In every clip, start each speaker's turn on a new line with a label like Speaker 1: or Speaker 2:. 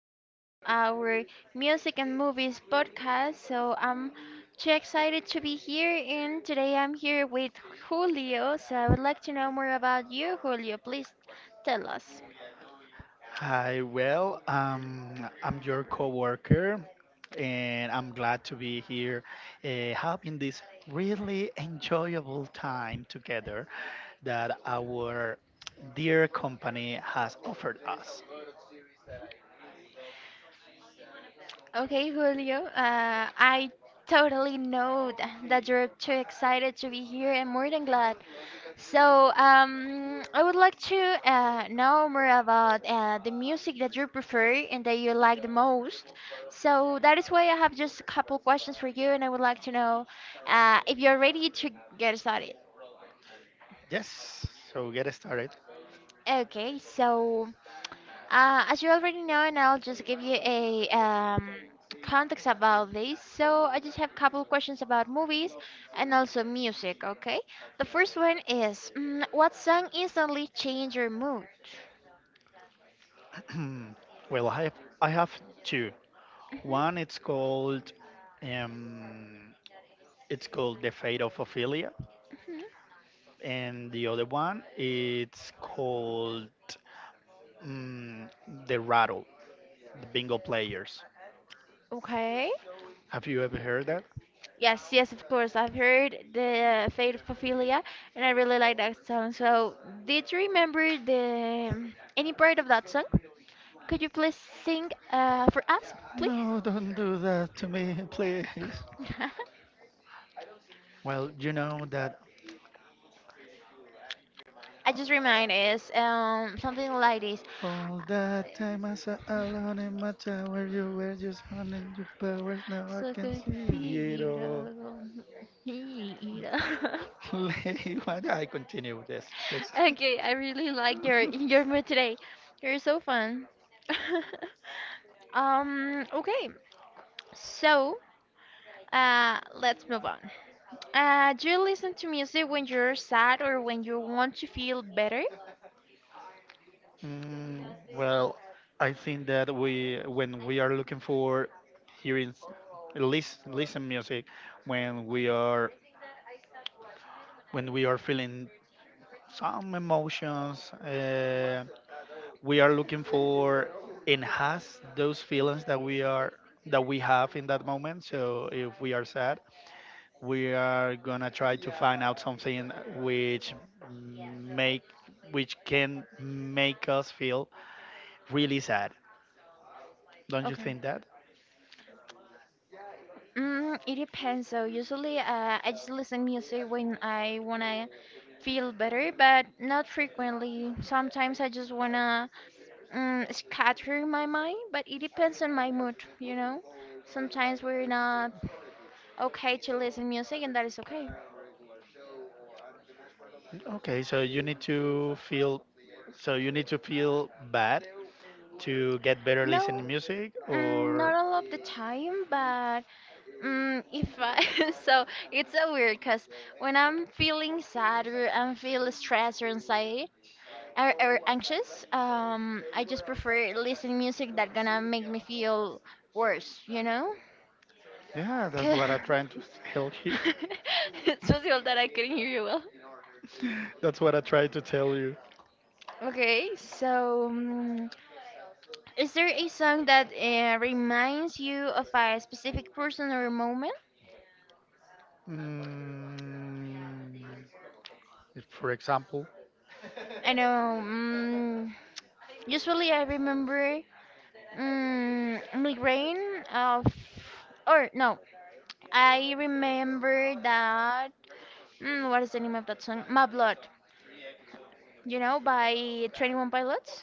Speaker 1: Welcome to our music and movies podcast. I'm too excited to be here, and today I'm here with Julio. So, I would like to know more about you, Julio. Please tell us.
Speaker 2: Hi, well, I'm your coworker, and I'm glad to be here, having this really enjoyable time together that our dear company has offered us.
Speaker 1: Okay, Julio, I totally know that you're too excited to be here and more than glad. I would like to know more about the music that you prefer and that you like the most. So that is why I have just a couple questions for you, and I would like to know if you're ready to get started.
Speaker 2: Yes, so get started.
Speaker 1: Okay, so as you already know, and I'll just give you a context about this. So I just have a couple questions about movies and also music. Okay, the first one is, what song instantly changed your mood?
Speaker 2: Well, I have two.
Speaker 1: Mhm.
Speaker 2: One, um, it's called The Fate of Ophelia,
Speaker 1: Mhm.
Speaker 2: and the other one, it's called Mm, the rattle, the bingo players.
Speaker 1: Okay.
Speaker 2: Have you ever heard that?
Speaker 1: Yes, yes, of course. I've heard the Fate of Paphilia, and I really like that song. So, did you remember the any part of that song? Could you please sing for us, please?
Speaker 2: No, don't do that to me, please. Well, you know that
Speaker 1: I just remind is something like this.
Speaker 2: all that time I sat alone in my tower, you were just honing your powers. Now I
Speaker 1: So
Speaker 2: can
Speaker 1: good,
Speaker 2: see it all.
Speaker 1: Hiro.
Speaker 2: Like, why do I continue with this, please?
Speaker 1: Okay, I really like your mood today. You're so fun. Um, okay. So, let's move on. Do you listen to music when you're sad or when you want to feel better?
Speaker 2: Mm, well, I think that when we are looking for hearing, listen music, when we are when we are feeling some emotions. We are looking for enhance those feelings that we have in that moment. So if we are sad, we are gonna try to find out something which make which can make us feel really sad. Don't you
Speaker 1: Okay.
Speaker 2: think that?
Speaker 1: It depends. So usually, I just listen music when I wanna feel better, but not frequently. Sometimes I just wanna, scatter my mind, but it depends on my mood, you know. Sometimes we're not okay to listen music, and that is okay.
Speaker 2: Okay, so you need to feel so you need to feel bad to get better listening
Speaker 1: No,
Speaker 2: music
Speaker 1: not
Speaker 2: or
Speaker 1: all of the time, but, Mm, if I, so it's so weird because when I'm feeling sad or I'm feeling stressed or anxiety or anxious, I just prefer listening music that gonna make me feel worse, you know?
Speaker 2: yeah, that's
Speaker 1: 'Cause
Speaker 2: what I'm trying to tell you.
Speaker 1: it's possible that I couldn't hear you well.
Speaker 2: That's what I tried to tell you.
Speaker 1: Okay, so mm, is there a song that reminds you of a specific person or moment?
Speaker 2: Mm, if, for example,
Speaker 1: I know. Usually, I remember, migraine of, or no, I remember that, what is the name of that song? My Blood, you know, by 21 Pilots.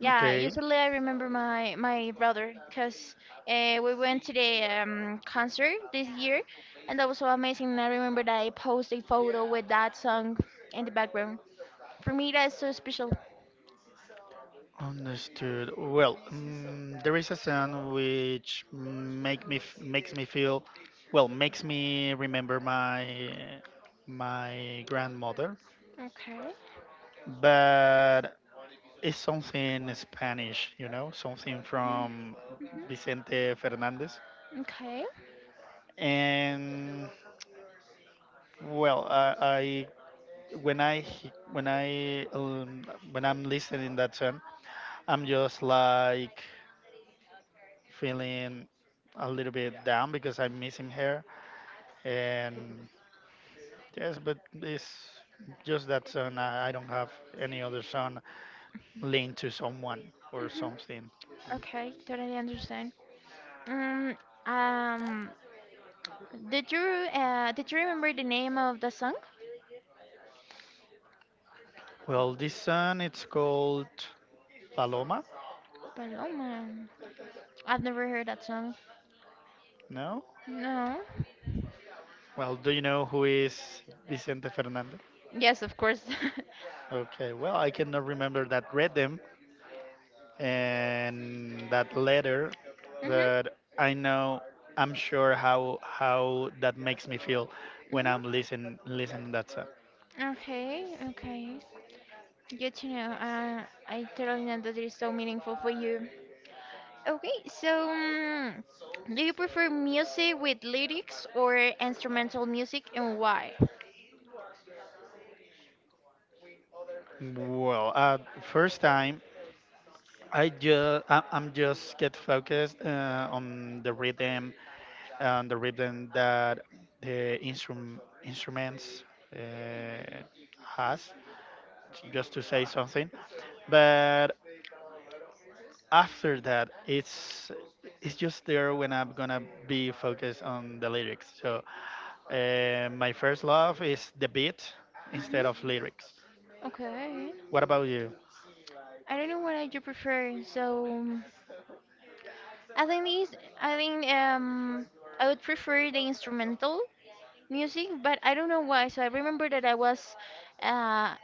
Speaker 1: Yeah,
Speaker 2: okay,
Speaker 1: usually I remember my brother because we went to the concert this year, and that was so amazing. And I remember that I posted a photo with that song in the background. For me, that's so special.
Speaker 2: understood. Well, there is a sound which makes me feel, well, makes me remember my grandmother,
Speaker 1: Okay.
Speaker 2: but it's something Spanish, something
Speaker 1: Mm-hmm.
Speaker 2: from Vicente Fernandez,
Speaker 1: Okay.
Speaker 2: and well, I when I he- when I'm listening that song, I'm just like feeling a little bit down because I'm missing her. And yes, but it's just that song. I don't have any other song linked to someone or
Speaker 1: Mm-hmm.
Speaker 2: something.
Speaker 1: Okay, totally understand. Mm, um, did you, did you remember the name of the song?
Speaker 2: Well, this song it's called Paloma.
Speaker 1: Paloma. I've never heard that song.
Speaker 2: No?
Speaker 1: No.
Speaker 2: Well, do you know who is Vicente Fernandez?
Speaker 1: Yes, of course.
Speaker 2: Okay, well, I cannot remember that rhythm, and that letter,
Speaker 1: Mhm.
Speaker 2: but I know I'm sure how that makes me feel when
Speaker 1: Mhm.
Speaker 2: I'm listening that song.
Speaker 1: Okay. Okay. Good to know. I totally know that it is so meaningful for you. Okay. So, mm, do you prefer music with lyrics or instrumental music, and why?
Speaker 2: Well, first time, I'm just get focused on the rhythm that the instruments uh, has just to say something, but after that it's just there when I'm gonna be focused on the lyrics. So my first love is the beat
Speaker 1: Mhm.
Speaker 2: instead of lyrics.
Speaker 1: Okay.
Speaker 2: What about you?
Speaker 1: I don't know what I do prefer. So, I think I think um, I would prefer the instrumental music, but I don't know why. So I remember that I was uh,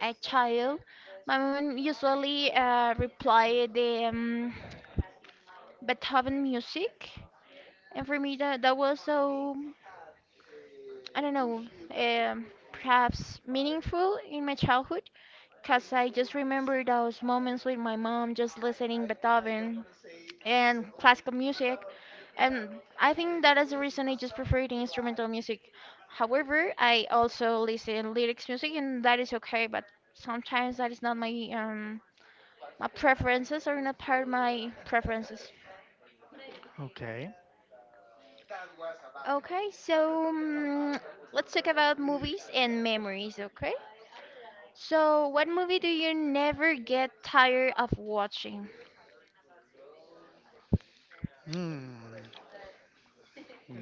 Speaker 1: a child. My mom usually reply the Beethoven music, and for me that was so, I don't know, um, perhaps meaningful in my childhood, cause I just remember those moments with my mom just listening Beethoven and classical music. And I think that is the reason I just prefer the instrumental music. However, I also listen lyrics music, and that is okay. But sometimes that is not my preferences, or not part of my preferences.
Speaker 2: Okay.
Speaker 1: Okay, so mm, let's talk about movies and memories, okay? So, what movie do you never get tired of watching?
Speaker 2: Hmm.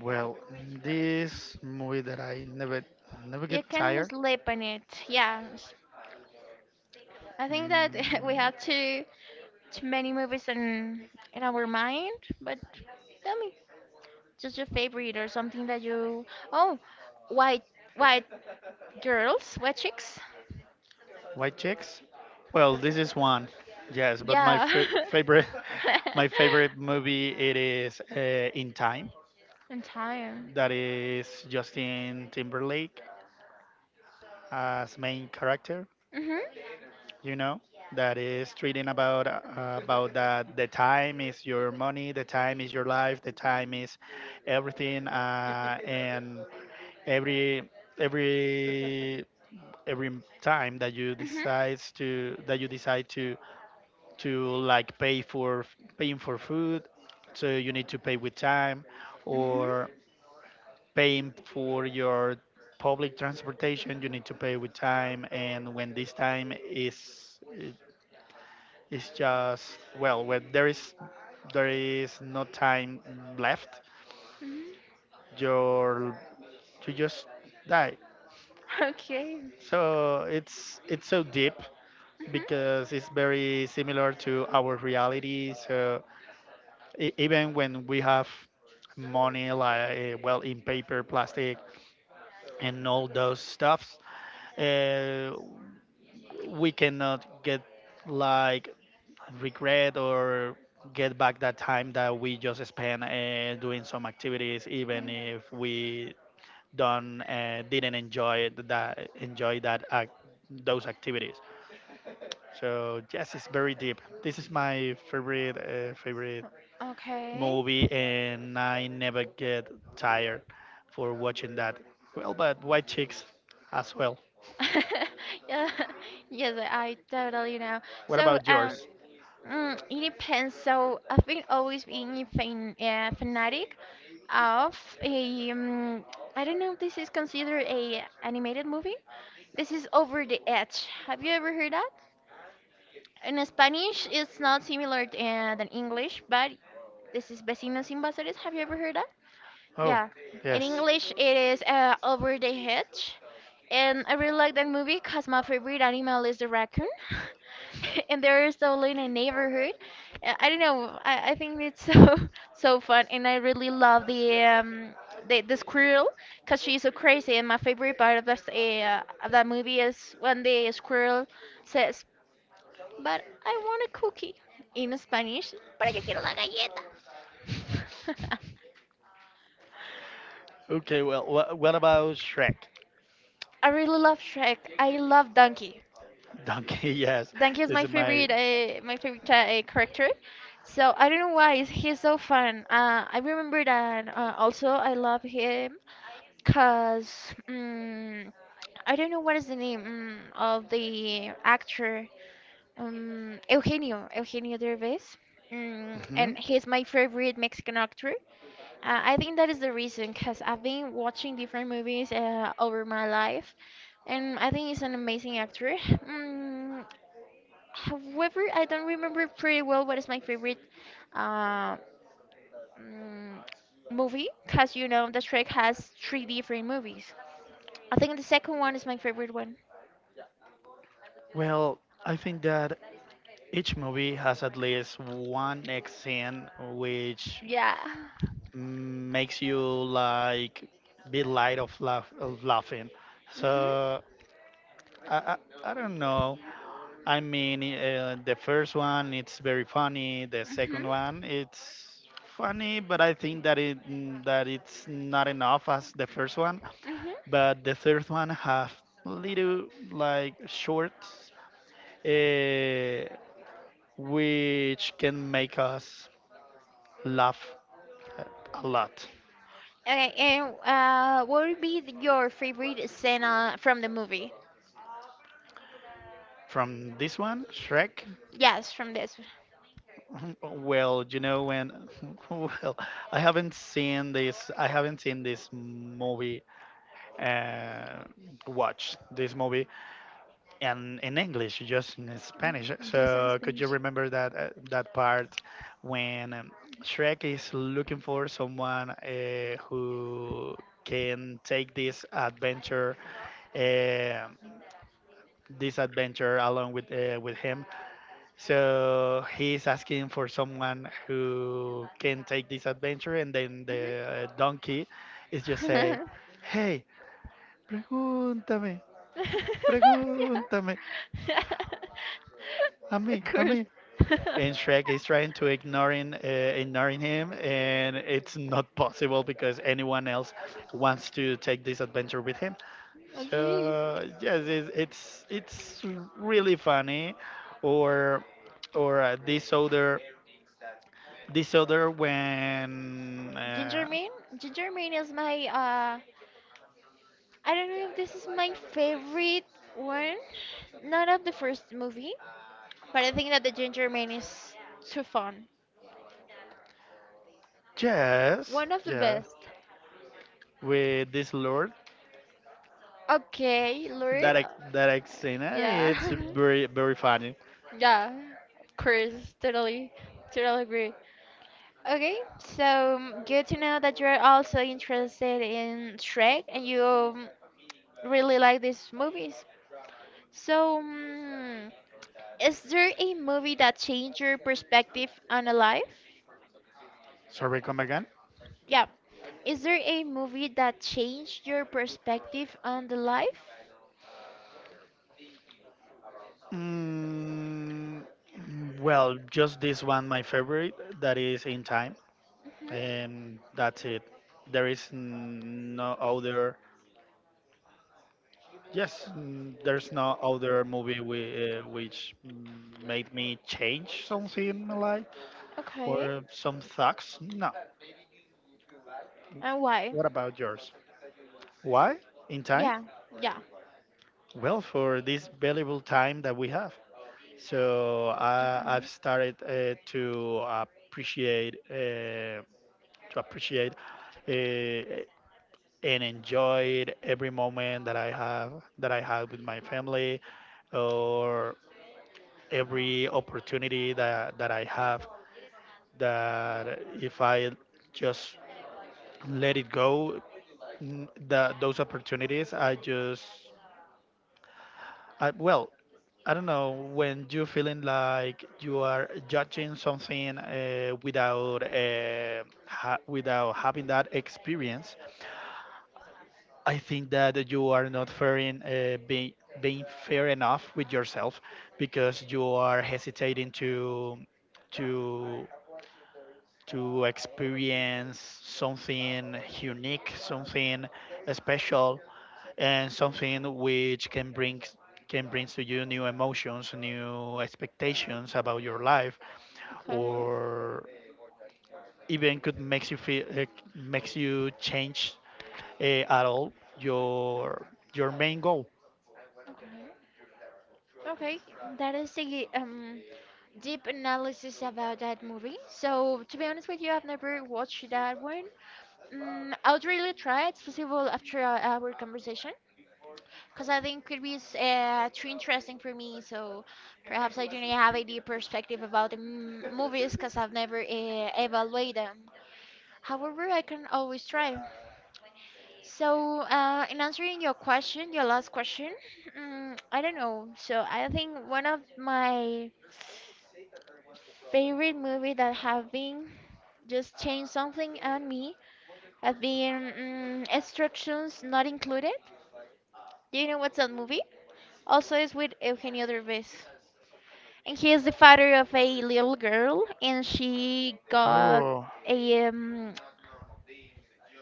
Speaker 2: Well, this movie that I never get
Speaker 1: You can
Speaker 2: tired.
Speaker 1: sleep on it. I think
Speaker 2: mm,
Speaker 1: that we have to watch many movies in our mind, but tell me, just your favorite or something that you, oh, white white girls, white chicks?
Speaker 2: White chicks. Well, this is one, yes, but my
Speaker 1: Yeah.
Speaker 2: favorite my favorite movie it is in time.
Speaker 1: In time.
Speaker 2: That is Justin Timberlake as main character.
Speaker 1: Mhm.
Speaker 2: You know that is treating about that the time is your money, the time is your life, the time is everything, and every every every time that you
Speaker 1: Mhm.
Speaker 2: decide to that you decide to like pay for paying for food, so you need to pay with time,
Speaker 1: Mhm.
Speaker 2: or paying for your public transportation you need to pay with time. And when this time is just, well, when there is no time left,
Speaker 1: Mhm.
Speaker 2: your you just die.
Speaker 1: Okay.
Speaker 2: So it's so deep,
Speaker 1: Mhm.
Speaker 2: because it's very similar to our reality. So even when we have money, like well, in paper, plastic, and all those stuffs, uh, we cannot get like regret or get back that time that we just spent doing some activities, even if we don't didn't enjoy it- that enjoy those activities. So yes, it's very deep. This is my favorite
Speaker 1: Okay.
Speaker 2: movie, and I never get tired for watching that. Well, but white chicks as well.
Speaker 1: Yeah. Yes, I totally know.
Speaker 2: What
Speaker 1: So,
Speaker 2: about
Speaker 1: um,
Speaker 2: yours?
Speaker 1: It depends. So I've been always being a fan, fanatic of I don't know if this is considered a animated movie. This is Over the Edge. Have you ever heard that? In Spanish, it's not similar than English, but this is Vecinos Invasores. Have you ever heard that?
Speaker 2: Oh,
Speaker 1: Yeah. In
Speaker 2: yes.
Speaker 1: English, it is Over the Hedge. And I really like that movie because my favorite animal is the raccoon. And they're still in a neighborhood. I don't know. I think it's so so fun, and I really love the squirrel because she's so crazy. And my favorite part of this of that movie is when the squirrel says, "But I want a cookie" in Spanish. Pero yo quiero la galleta.
Speaker 2: Okay, well, what about Shrek?
Speaker 1: I really love Shrek. I love Donkey.
Speaker 2: Donkey, yes.
Speaker 1: Danke is
Speaker 2: This
Speaker 1: my
Speaker 2: is my.
Speaker 1: favorite, character. So I don't know why is, he's so fun. I remember that. Also, I love him because I don't know what is the name of the actor, Eugenio Derbez.
Speaker 2: Mhm.
Speaker 1: And he's my favorite Mexican actor. I think that is the reason, because I've been watching different movies over my life, and I think he's an amazing actor. Mm, However, I don't remember pretty well what is my favorite uh, mm, movie, because you know the Shrek has three different movies. I think the second one is my favorite one.
Speaker 2: Well, I think that each movie has at least one X scene which
Speaker 1: Yeah.
Speaker 2: makes you like be light of laugh of laughing.
Speaker 1: Mhm.
Speaker 2: So I, I don't know. I mean, the first one it's very funny. The
Speaker 1: Mhm.
Speaker 2: second one it's funny, but I think that that it's not enough as the first one.
Speaker 1: Mhm.
Speaker 2: But the third one have little like shorts, uh, which can make us laugh a a lot.
Speaker 1: Okay, and what would be the, your favorite scene from the movie?
Speaker 2: From this one, Shrek,
Speaker 1: Yes, from this.
Speaker 2: well, you know when well, I haven't seen this movie, uh watch this movie, and in English, just in
Speaker 1: Mm,
Speaker 2: Spanish.
Speaker 1: Just in
Speaker 2: So could you
Speaker 1: Spanish.
Speaker 2: remember that part when Shrek is looking for someone who can take this adventure, uh, this adventure along with him. So he's asking for someone who can take this adventure, and then the donkey is just say,
Speaker 1: Mhm.
Speaker 2: "Hey, pregúntame,
Speaker 1: Yeah.
Speaker 2: pregúntame, a
Speaker 1: Of
Speaker 2: mí, a
Speaker 1: course.
Speaker 2: mí." And Shrek is trying to ignoring him, and it's not possible because anyone else wants to take this adventure with him.
Speaker 1: Okay.
Speaker 2: So yes, it's really funny. Or or uh, this other this other when
Speaker 1: Ginger Man. Ginger Man is my I don't know if this is my favorite one. Not of the first movie, but I think that the Ginger Man is too fun.
Speaker 2: yes,
Speaker 1: One of the
Speaker 2: yeah,
Speaker 1: best.
Speaker 2: with this lord
Speaker 1: Okay, Lord.
Speaker 2: that I, that I've seen,
Speaker 1: Yeah.
Speaker 2: it's very, very funny.
Speaker 1: Yeah. Of course, totally. Totally agree. Good to know that you're also interested in Shrek and you really like these movies. So, um, is there a movie that changed your perspective on a life?
Speaker 2: Sorry, come again.
Speaker 1: Yeah. Is there a movie that changed your perspective on the life?
Speaker 2: Mm, well, just this one, my favorite, that is in time,
Speaker 1: Hmm.
Speaker 2: and that's it. There is no other. Yes, there's no other movie, which made me change something in my life
Speaker 1: Okay.
Speaker 2: or some thoughts. No.
Speaker 1: And why?
Speaker 2: What about yours? Why? In time?
Speaker 1: Yeah. Yeah.
Speaker 2: Well, for this valuable time that we have. So I've
Speaker 1: Okay.
Speaker 2: started appreciate uh, to appreciate uh, and enjoy every moment that I have with my family, or every opportunity that I have. That if I just let it go, those opportunities, well, I don't know. When you feeling like you are judging something without having that experience, I think that you are not fairing, being fair enough with yourself, because you are hesitating to to experience something unique, something special, and something which can bring to you new emotions, new expectations about your life,
Speaker 1: Okay.
Speaker 2: or even could makes you change at all your your main goal.
Speaker 1: Okay. Okay, that is a deep analysis about that movie. So to be honest with you, I've never watched that one. I would really try. It's possible after our conversation, because I think it is too interesting for me. So perhaps I don't have a deep perspective about the movies, because I've never evaluated them. However, I can always try. So, in answering your question, your last question, I don't know. So I think one of my favorite movie that have been just changed something on me have been, instructions not included. Do you know what's that movie? Also, it's with Eugenio Derbez, and he is the father of a little girl, and she got
Speaker 2: Oh,
Speaker 1: a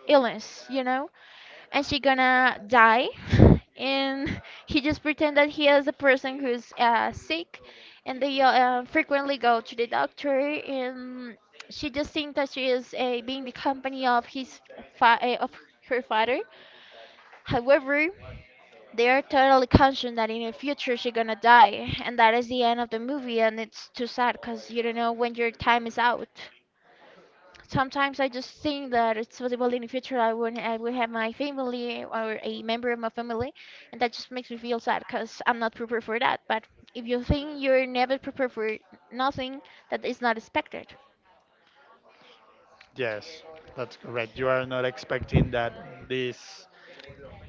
Speaker 1: illness, you know, and she gonna die and he just pretend that he is a person who's sick and they frequently go to the doctor, and she just thinks that she is being the company of fa- uh, of her father. However, they are totally conscious that in the future she's gonna die, and that is the end of the movie, and it's too sad because you don't know when your time is out. Sometimes I just think that it's possible in the future I will have my family or a member of my family, and that just makes me feel sad because I'm not prepared for that. But if you think, you're never prepared for nothing that is not expected.
Speaker 2: yes, that's correct. You are not expecting that this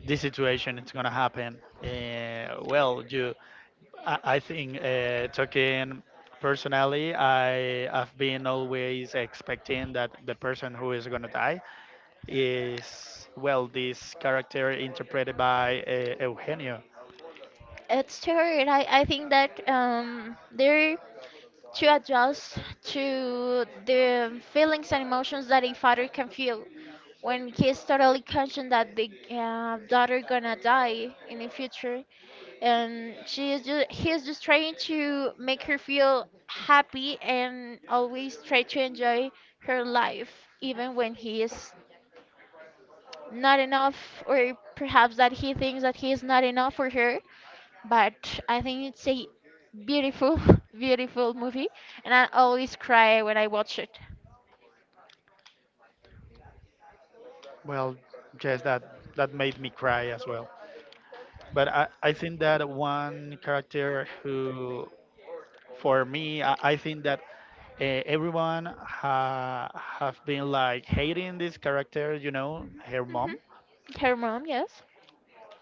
Speaker 2: this situation is gonna happen. Well, I think talking personally, I have been always expecting that the person who is gonna die is, well, this character interpreted by Eugenio.
Speaker 1: It's true. I think that there, to adjust to the feelings and emotions that a father can feel when he's totally conscious that the daughter gonna die in the future, and she is just he's just trying to make her feel happy and always try to enjoy her life, even when he is not enough, or perhaps that he thinks that he is not enough for her. But I think it's a beautiful, beautiful movie, and I always cry when I watch it.
Speaker 2: Well, yes, that made me cry as well. But I think that one character who, for me, I think that everyone have been like hating this character, you know, her
Speaker 1: Hmm.
Speaker 2: mom.
Speaker 1: Her mom, yes,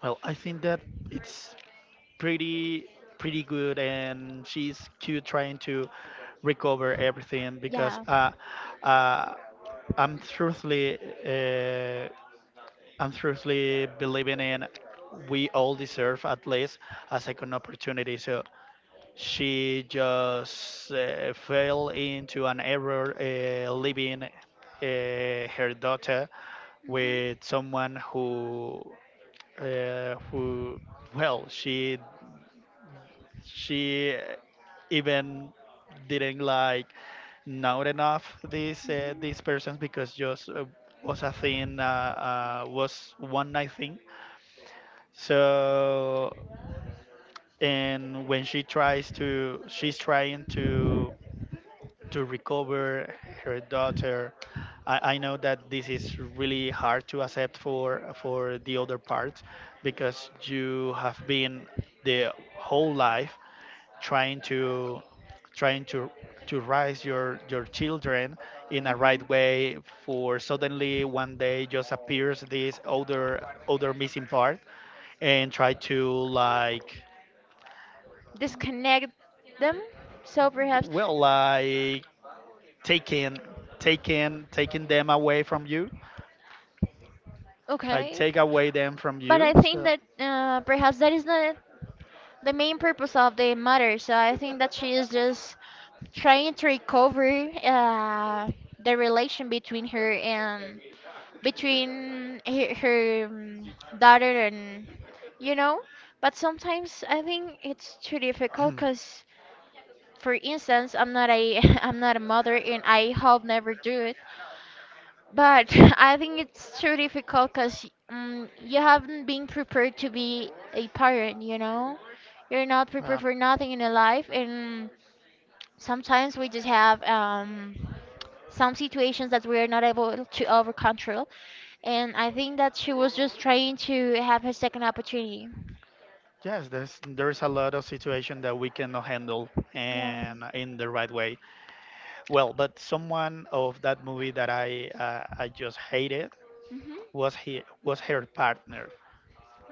Speaker 2: Well, I think that it's pretty pretty good, and she's cute trying to recover everything because
Speaker 1: yeah,
Speaker 2: uh, I'm truthfully uh, I'm truthfully believing in we all deserve at least a second opportunity. So she just fell into an error, leaving her daughter with someone who, well, she even didn't like know enough these persons, because just was a thing, was one night thing. So and when she's trying to recover her daughter, I know that this is really hard to accept for the other part, because you have been the whole life trying to trying to raise your children in a right
Speaker 1: Mm-hmm.
Speaker 2: way, for suddenly one day just appears this other missing part and try to like,
Speaker 1: Disconnect them, so perhaps,
Speaker 2: well, like taking taking them away from you, like
Speaker 1: Okay.
Speaker 2: take away them from
Speaker 1: But
Speaker 2: you.
Speaker 1: I think
Speaker 2: So
Speaker 1: that perhaps that is not the main purpose of the mother. So I think that she is just trying to recover the relation between her and between her, daughter and you know but sometimes I think it's too difficult because for instance I'm not a I'm not a mother and I hope never do it but I think it's too difficult because you haven't been prepared to be a parent. You're not prepared
Speaker 2: uh,
Speaker 1: for nothing in your life and sometimes we just have some situations that we are not able to over control. And I think that she was just trying to have her second opportunity.
Speaker 2: yes, there's a lot of situation that we cannot handle
Speaker 1: Yeah.
Speaker 2: and in the right way. Well, but someone of that movie that I just hated
Speaker 1: Hmm.
Speaker 2: was he was her partner,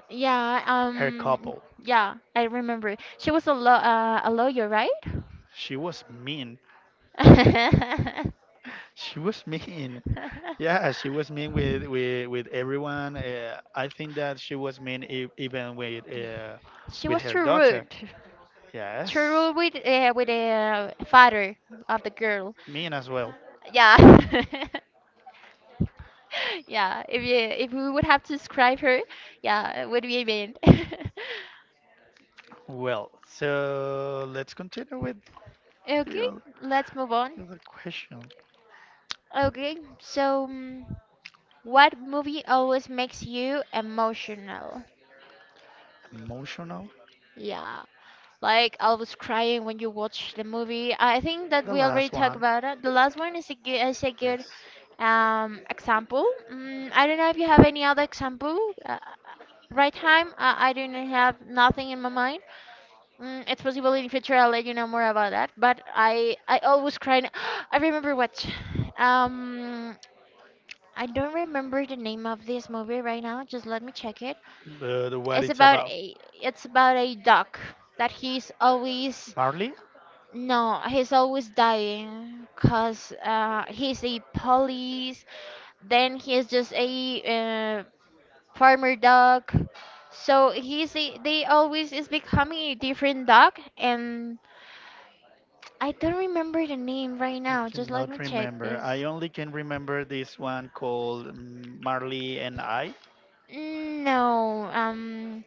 Speaker 1: Yeah,
Speaker 2: her couple.
Speaker 1: yeah, I remember. She was a law a lawyer, right?
Speaker 2: She was mean. She was mean. Yeah, she was mean with everyone. I think that she was mean even with uh,
Speaker 1: She
Speaker 2: with
Speaker 1: was
Speaker 2: her
Speaker 1: too
Speaker 2: daughter.
Speaker 1: rude. Too
Speaker 2: Yes,
Speaker 1: rude with the father of the girl.
Speaker 2: mean as well.
Speaker 1: Yeah. Yeah, if we would have to describe her, yeah, it would be a man.
Speaker 2: Well, so let's continue with
Speaker 1: Okay,
Speaker 2: you.
Speaker 1: let's move on.
Speaker 2: Another question.
Speaker 1: Okay, so what movie always makes you emotional?
Speaker 2: Emotional.
Speaker 1: Yeah, like always crying when you watch the movie. I think that
Speaker 2: The
Speaker 1: we already
Speaker 2: last
Speaker 1: talked
Speaker 2: one.
Speaker 1: about it. The last one is is a good
Speaker 2: Yes.
Speaker 1: example. Mm, I don't know if you have any other example. Right time, I don't have nothing in my mind. Mm, it's possible in future I'll let you know more about that. But I always cry. I remember what. Um, I don't remember the name of this movie right now. Just let me check it.
Speaker 2: But what
Speaker 1: It's
Speaker 2: it's
Speaker 1: about
Speaker 2: about?
Speaker 1: a duck that he's always
Speaker 2: Marley?
Speaker 1: no, he's always dying cuz he's a police then he is just a uh, farmer duck. So they always is becoming a different duck, and I don't remember the name right
Speaker 2: I
Speaker 1: now. Just let me
Speaker 2: cannot
Speaker 1: check
Speaker 2: remember. I
Speaker 1: this.
Speaker 2: only can remember this one called Marley and I.
Speaker 1: No,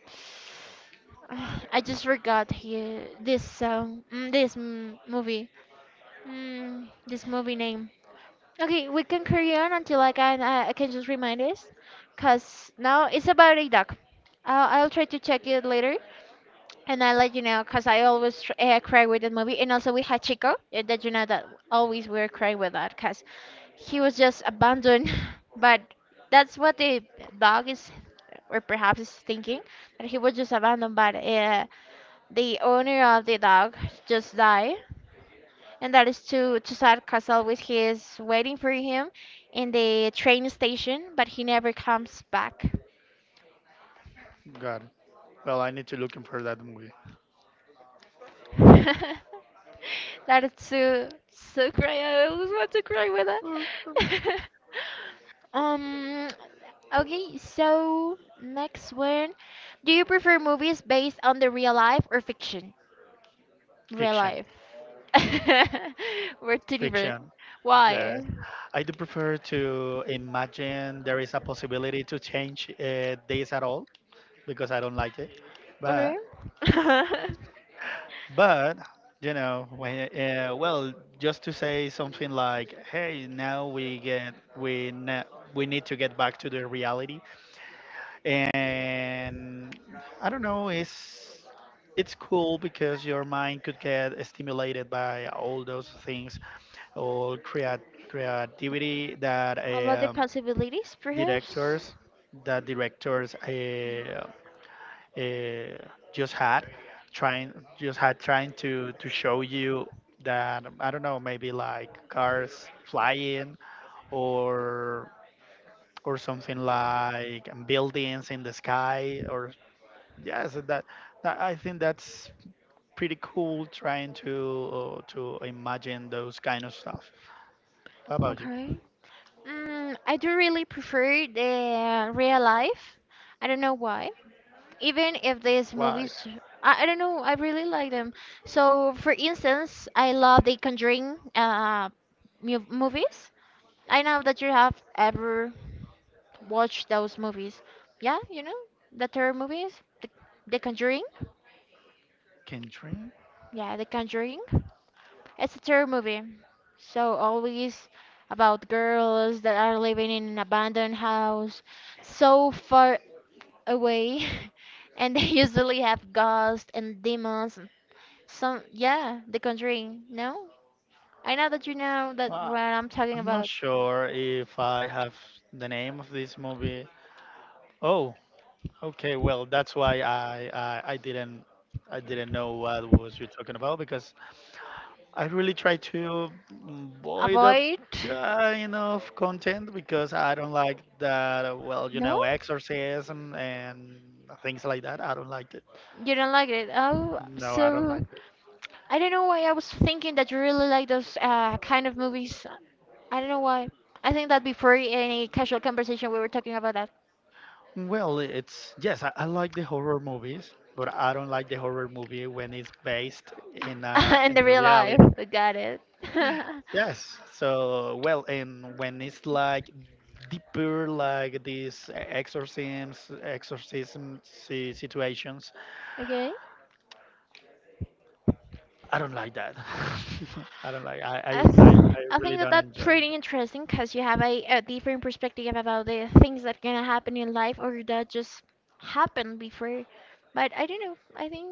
Speaker 1: I just forgot he, this song, this movie, this movie name. Okay, we can carry on until I can just remind us, cause now it's about a duck. I'll try to check it later, and I let you know because I always cry with that movie. And also we had Chico that you know that always we were crying with that because he was just abandoned. but that's what the dog is or perhaps is thinking that he was just abandoned. But the owner of the dog just died, and that is too too sad because always he is waiting for him in the train station, but he never comes back.
Speaker 2: Got it. Well, I need to look for that movie.
Speaker 1: That is so so cry. I always want to cry with that. Um, okay, so next one. Do you prefer movies based on the real life or fiction? Real
Speaker 2: Fiction.
Speaker 1: life. We're two different.
Speaker 2: Fiction. Yes.
Speaker 1: Why?
Speaker 2: I do prefer to imagine there is a possibility to change this at all, because I don't like it. But
Speaker 1: Okay. I
Speaker 2: but you know, when, well, just to say something like, hey, now we need to get back to the reality, and I don't know, it's cool because your mind could get stimulated by all those things, all creativity
Speaker 1: love the possibilities, perhaps.
Speaker 2: directors that directors. Uh, just had trying just had trying to show you that. I don't know, maybe like cars flying, or or something like buildings in the sky, or yes, that I think that's pretty cool, trying to imagine those kind of stuff. What about you?
Speaker 1: Okay. Mm, I do really prefer the real life. I don't know why. Even if these
Speaker 2: Why
Speaker 1: movies I don't know, I really like them. So for instance I love the Conjuring movies. I know that you have ever watched those movies, yeah, you know, the terror movies, the, the Conjuring,
Speaker 2: can dream?
Speaker 1: yeah, the Conjuring. It's a terror movie, so always about girls that are living in an abandoned house so far away, and they usually have ghosts and demons. Some, yeah, The Conjuring. No, I know that you know that
Speaker 2: Well,
Speaker 1: what I'm talking
Speaker 2: I'm not
Speaker 1: about.
Speaker 2: sure if I have the name of this movie. Oh, okay, well, that's why I didn't know what was you talking about, because I really try to avoid that
Speaker 1: Avoid.
Speaker 2: kind of content because I don't like that. Well,
Speaker 1: No,
Speaker 2: exorcism and things like that. I don't like it.
Speaker 1: you don't like it. Oh,
Speaker 2: No, I don't
Speaker 1: so
Speaker 2: like it.
Speaker 1: I don't know why I was thinking that you really like those kind of movies. I don't know why. I think that before any casual conversation we were talking about that.
Speaker 2: Well, it's yes, I like the horror movies, but I don't like the horror movie when it's based in uh
Speaker 1: In the
Speaker 2: in the
Speaker 1: real life.
Speaker 2: reality.
Speaker 1: Got it.
Speaker 2: Yes. So, well, and when it's like deeper, like these exorcisms, situations,
Speaker 1: Okay.
Speaker 2: I don't like that. I don't like. I, I I I
Speaker 1: I
Speaker 2: really
Speaker 1: think that
Speaker 2: don't
Speaker 1: that's
Speaker 2: enjoy.
Speaker 1: pretty interesting because you have a different perspective about the things that gonna happen in life or that just happened before. But I don't know. I think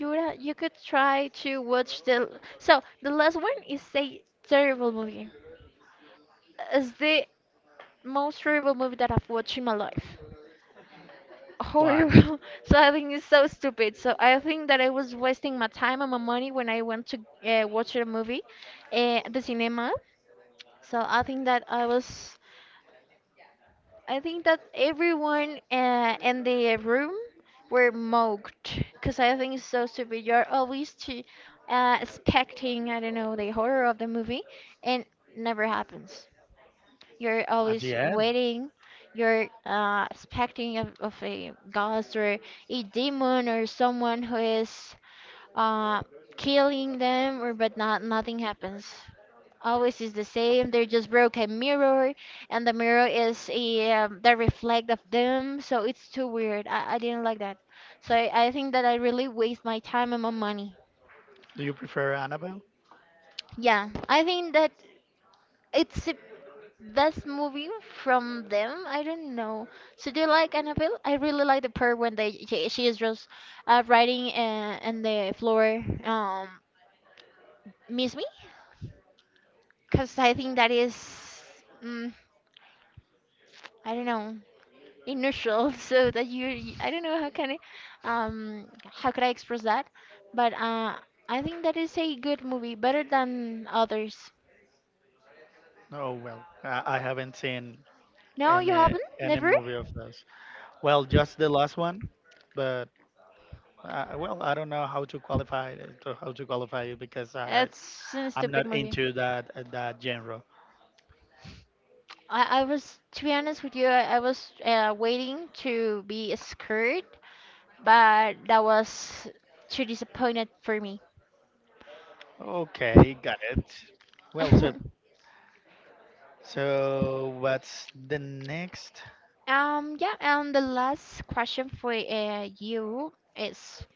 Speaker 1: you could try to watch the. So the last one is a terrible movie. It's the most terrible movie that I've watched in my life.
Speaker 2: Why?
Speaker 1: Horrible. So I think it's so stupid. So I think that I was wasting my time and my money when I went to watch a movie at the cinema. So I think that everyone in the room were mocked because I think it's so stupid. You're always to, expecting, I don't know, the horror of the movie, and never happens. You're
Speaker 2: At
Speaker 1: always
Speaker 2: the end,
Speaker 1: waiting. You're expecting of a ghost or a demon or someone who is uh, killing them, or but not nothing happens, always is the same. They just broke a mirror, and the mirror is the reflect of them. So it's too weird. I didn't like that. So I think that I really waste my time and my money.
Speaker 2: do you prefer Annabelle?
Speaker 1: Yeah, I think that it's the best movie from them. I don't know. So do you like Annabelle? I really like the part when she is just writing on the floor. Miss me? Cause I think that is. Mm, I don't know. Initial so that you I don't know how can I how could I express that but I think that is a good movie better than others.
Speaker 2: Oh, well, I haven't seen
Speaker 1: No, you
Speaker 2: any
Speaker 1: haven't
Speaker 2: any
Speaker 1: never.
Speaker 2: movie of those. Well, just the last one, but well, I don't know how to qualify it, how to qualify it, because I, I
Speaker 1: It's a
Speaker 2: I'm
Speaker 1: stupid
Speaker 2: not
Speaker 1: movie.
Speaker 2: into that genre.
Speaker 1: I was to be honest with you, I was waiting to be scared but that was too disappointed for me.
Speaker 2: Okay, got it. Well, so so what's the next?
Speaker 1: Yeah, and the last question for you is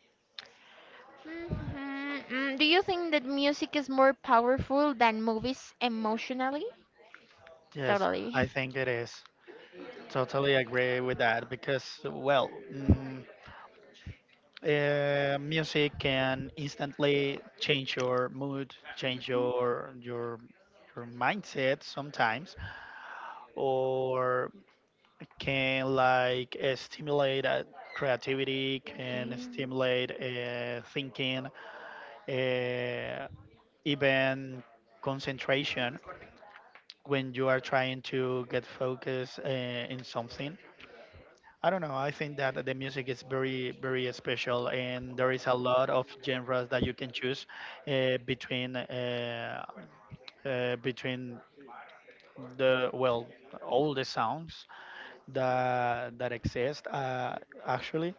Speaker 1: Mhm. Mm, do you think that music is more powerful than movies emotionally?
Speaker 2: Yes,
Speaker 1: Totally.
Speaker 2: I think it is. Totally agree with that because, well, music can instantly change your mood, change
Speaker 1: Mhm.
Speaker 2: your mindset sometimes, or can like stimulate creativity, can
Speaker 1: Okay.
Speaker 2: stimulate thinking. Uh, Even concentration when you are trying to get focus in something. I don't know. I think that the music is very, very special, and there is a lot of genres that you can choose uh, between uh, between the well, all the sounds that exist. Actually,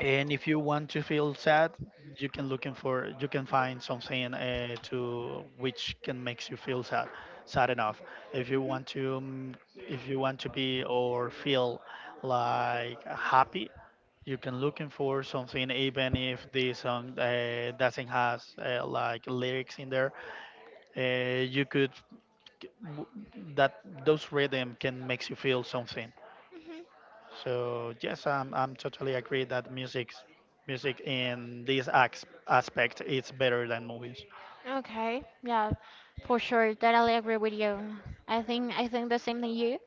Speaker 2: and if you want to feel sad, you can find something to which can makes you feel sad, sad enough. If you
Speaker 1: Mhm.
Speaker 2: want to, if you want to be or feel like happy, you can looking for something even if the song doesn't has like lyrics in there. You could, that those rhythm can makes you feel something.
Speaker 1: Mhm.
Speaker 2: So yes, I'm totally agree that music in this aspect is better than movies.
Speaker 1: Okay. Yeah, for sure. Totally agree with you. I think the same thing you.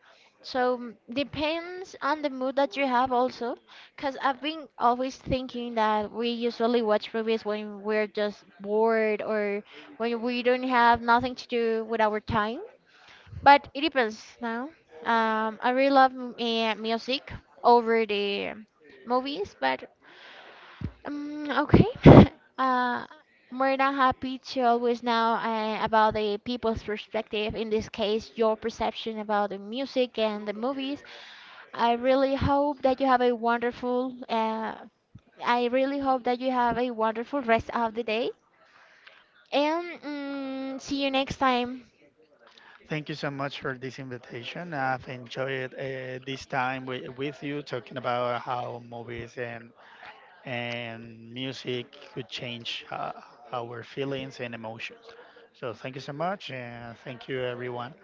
Speaker 1: So depends on the mood that you have also, because I've been always thinking that we usually watch movies when we're just bored or when we don't have nothing to do with our time. But it depends now. I really love music over the movies, but okay. uh, more than happy to always know about the people's perspective, in this case, your perception about the music and the movies. I really hope that you have a wonderful I really hope that you have a wonderful rest of the day and see you next time.
Speaker 2: Thank you so much for this invitation. I've enjoyed this time with you talking about how movies and music could change our feelings and emotions. So thank you so much, and thank you everyone.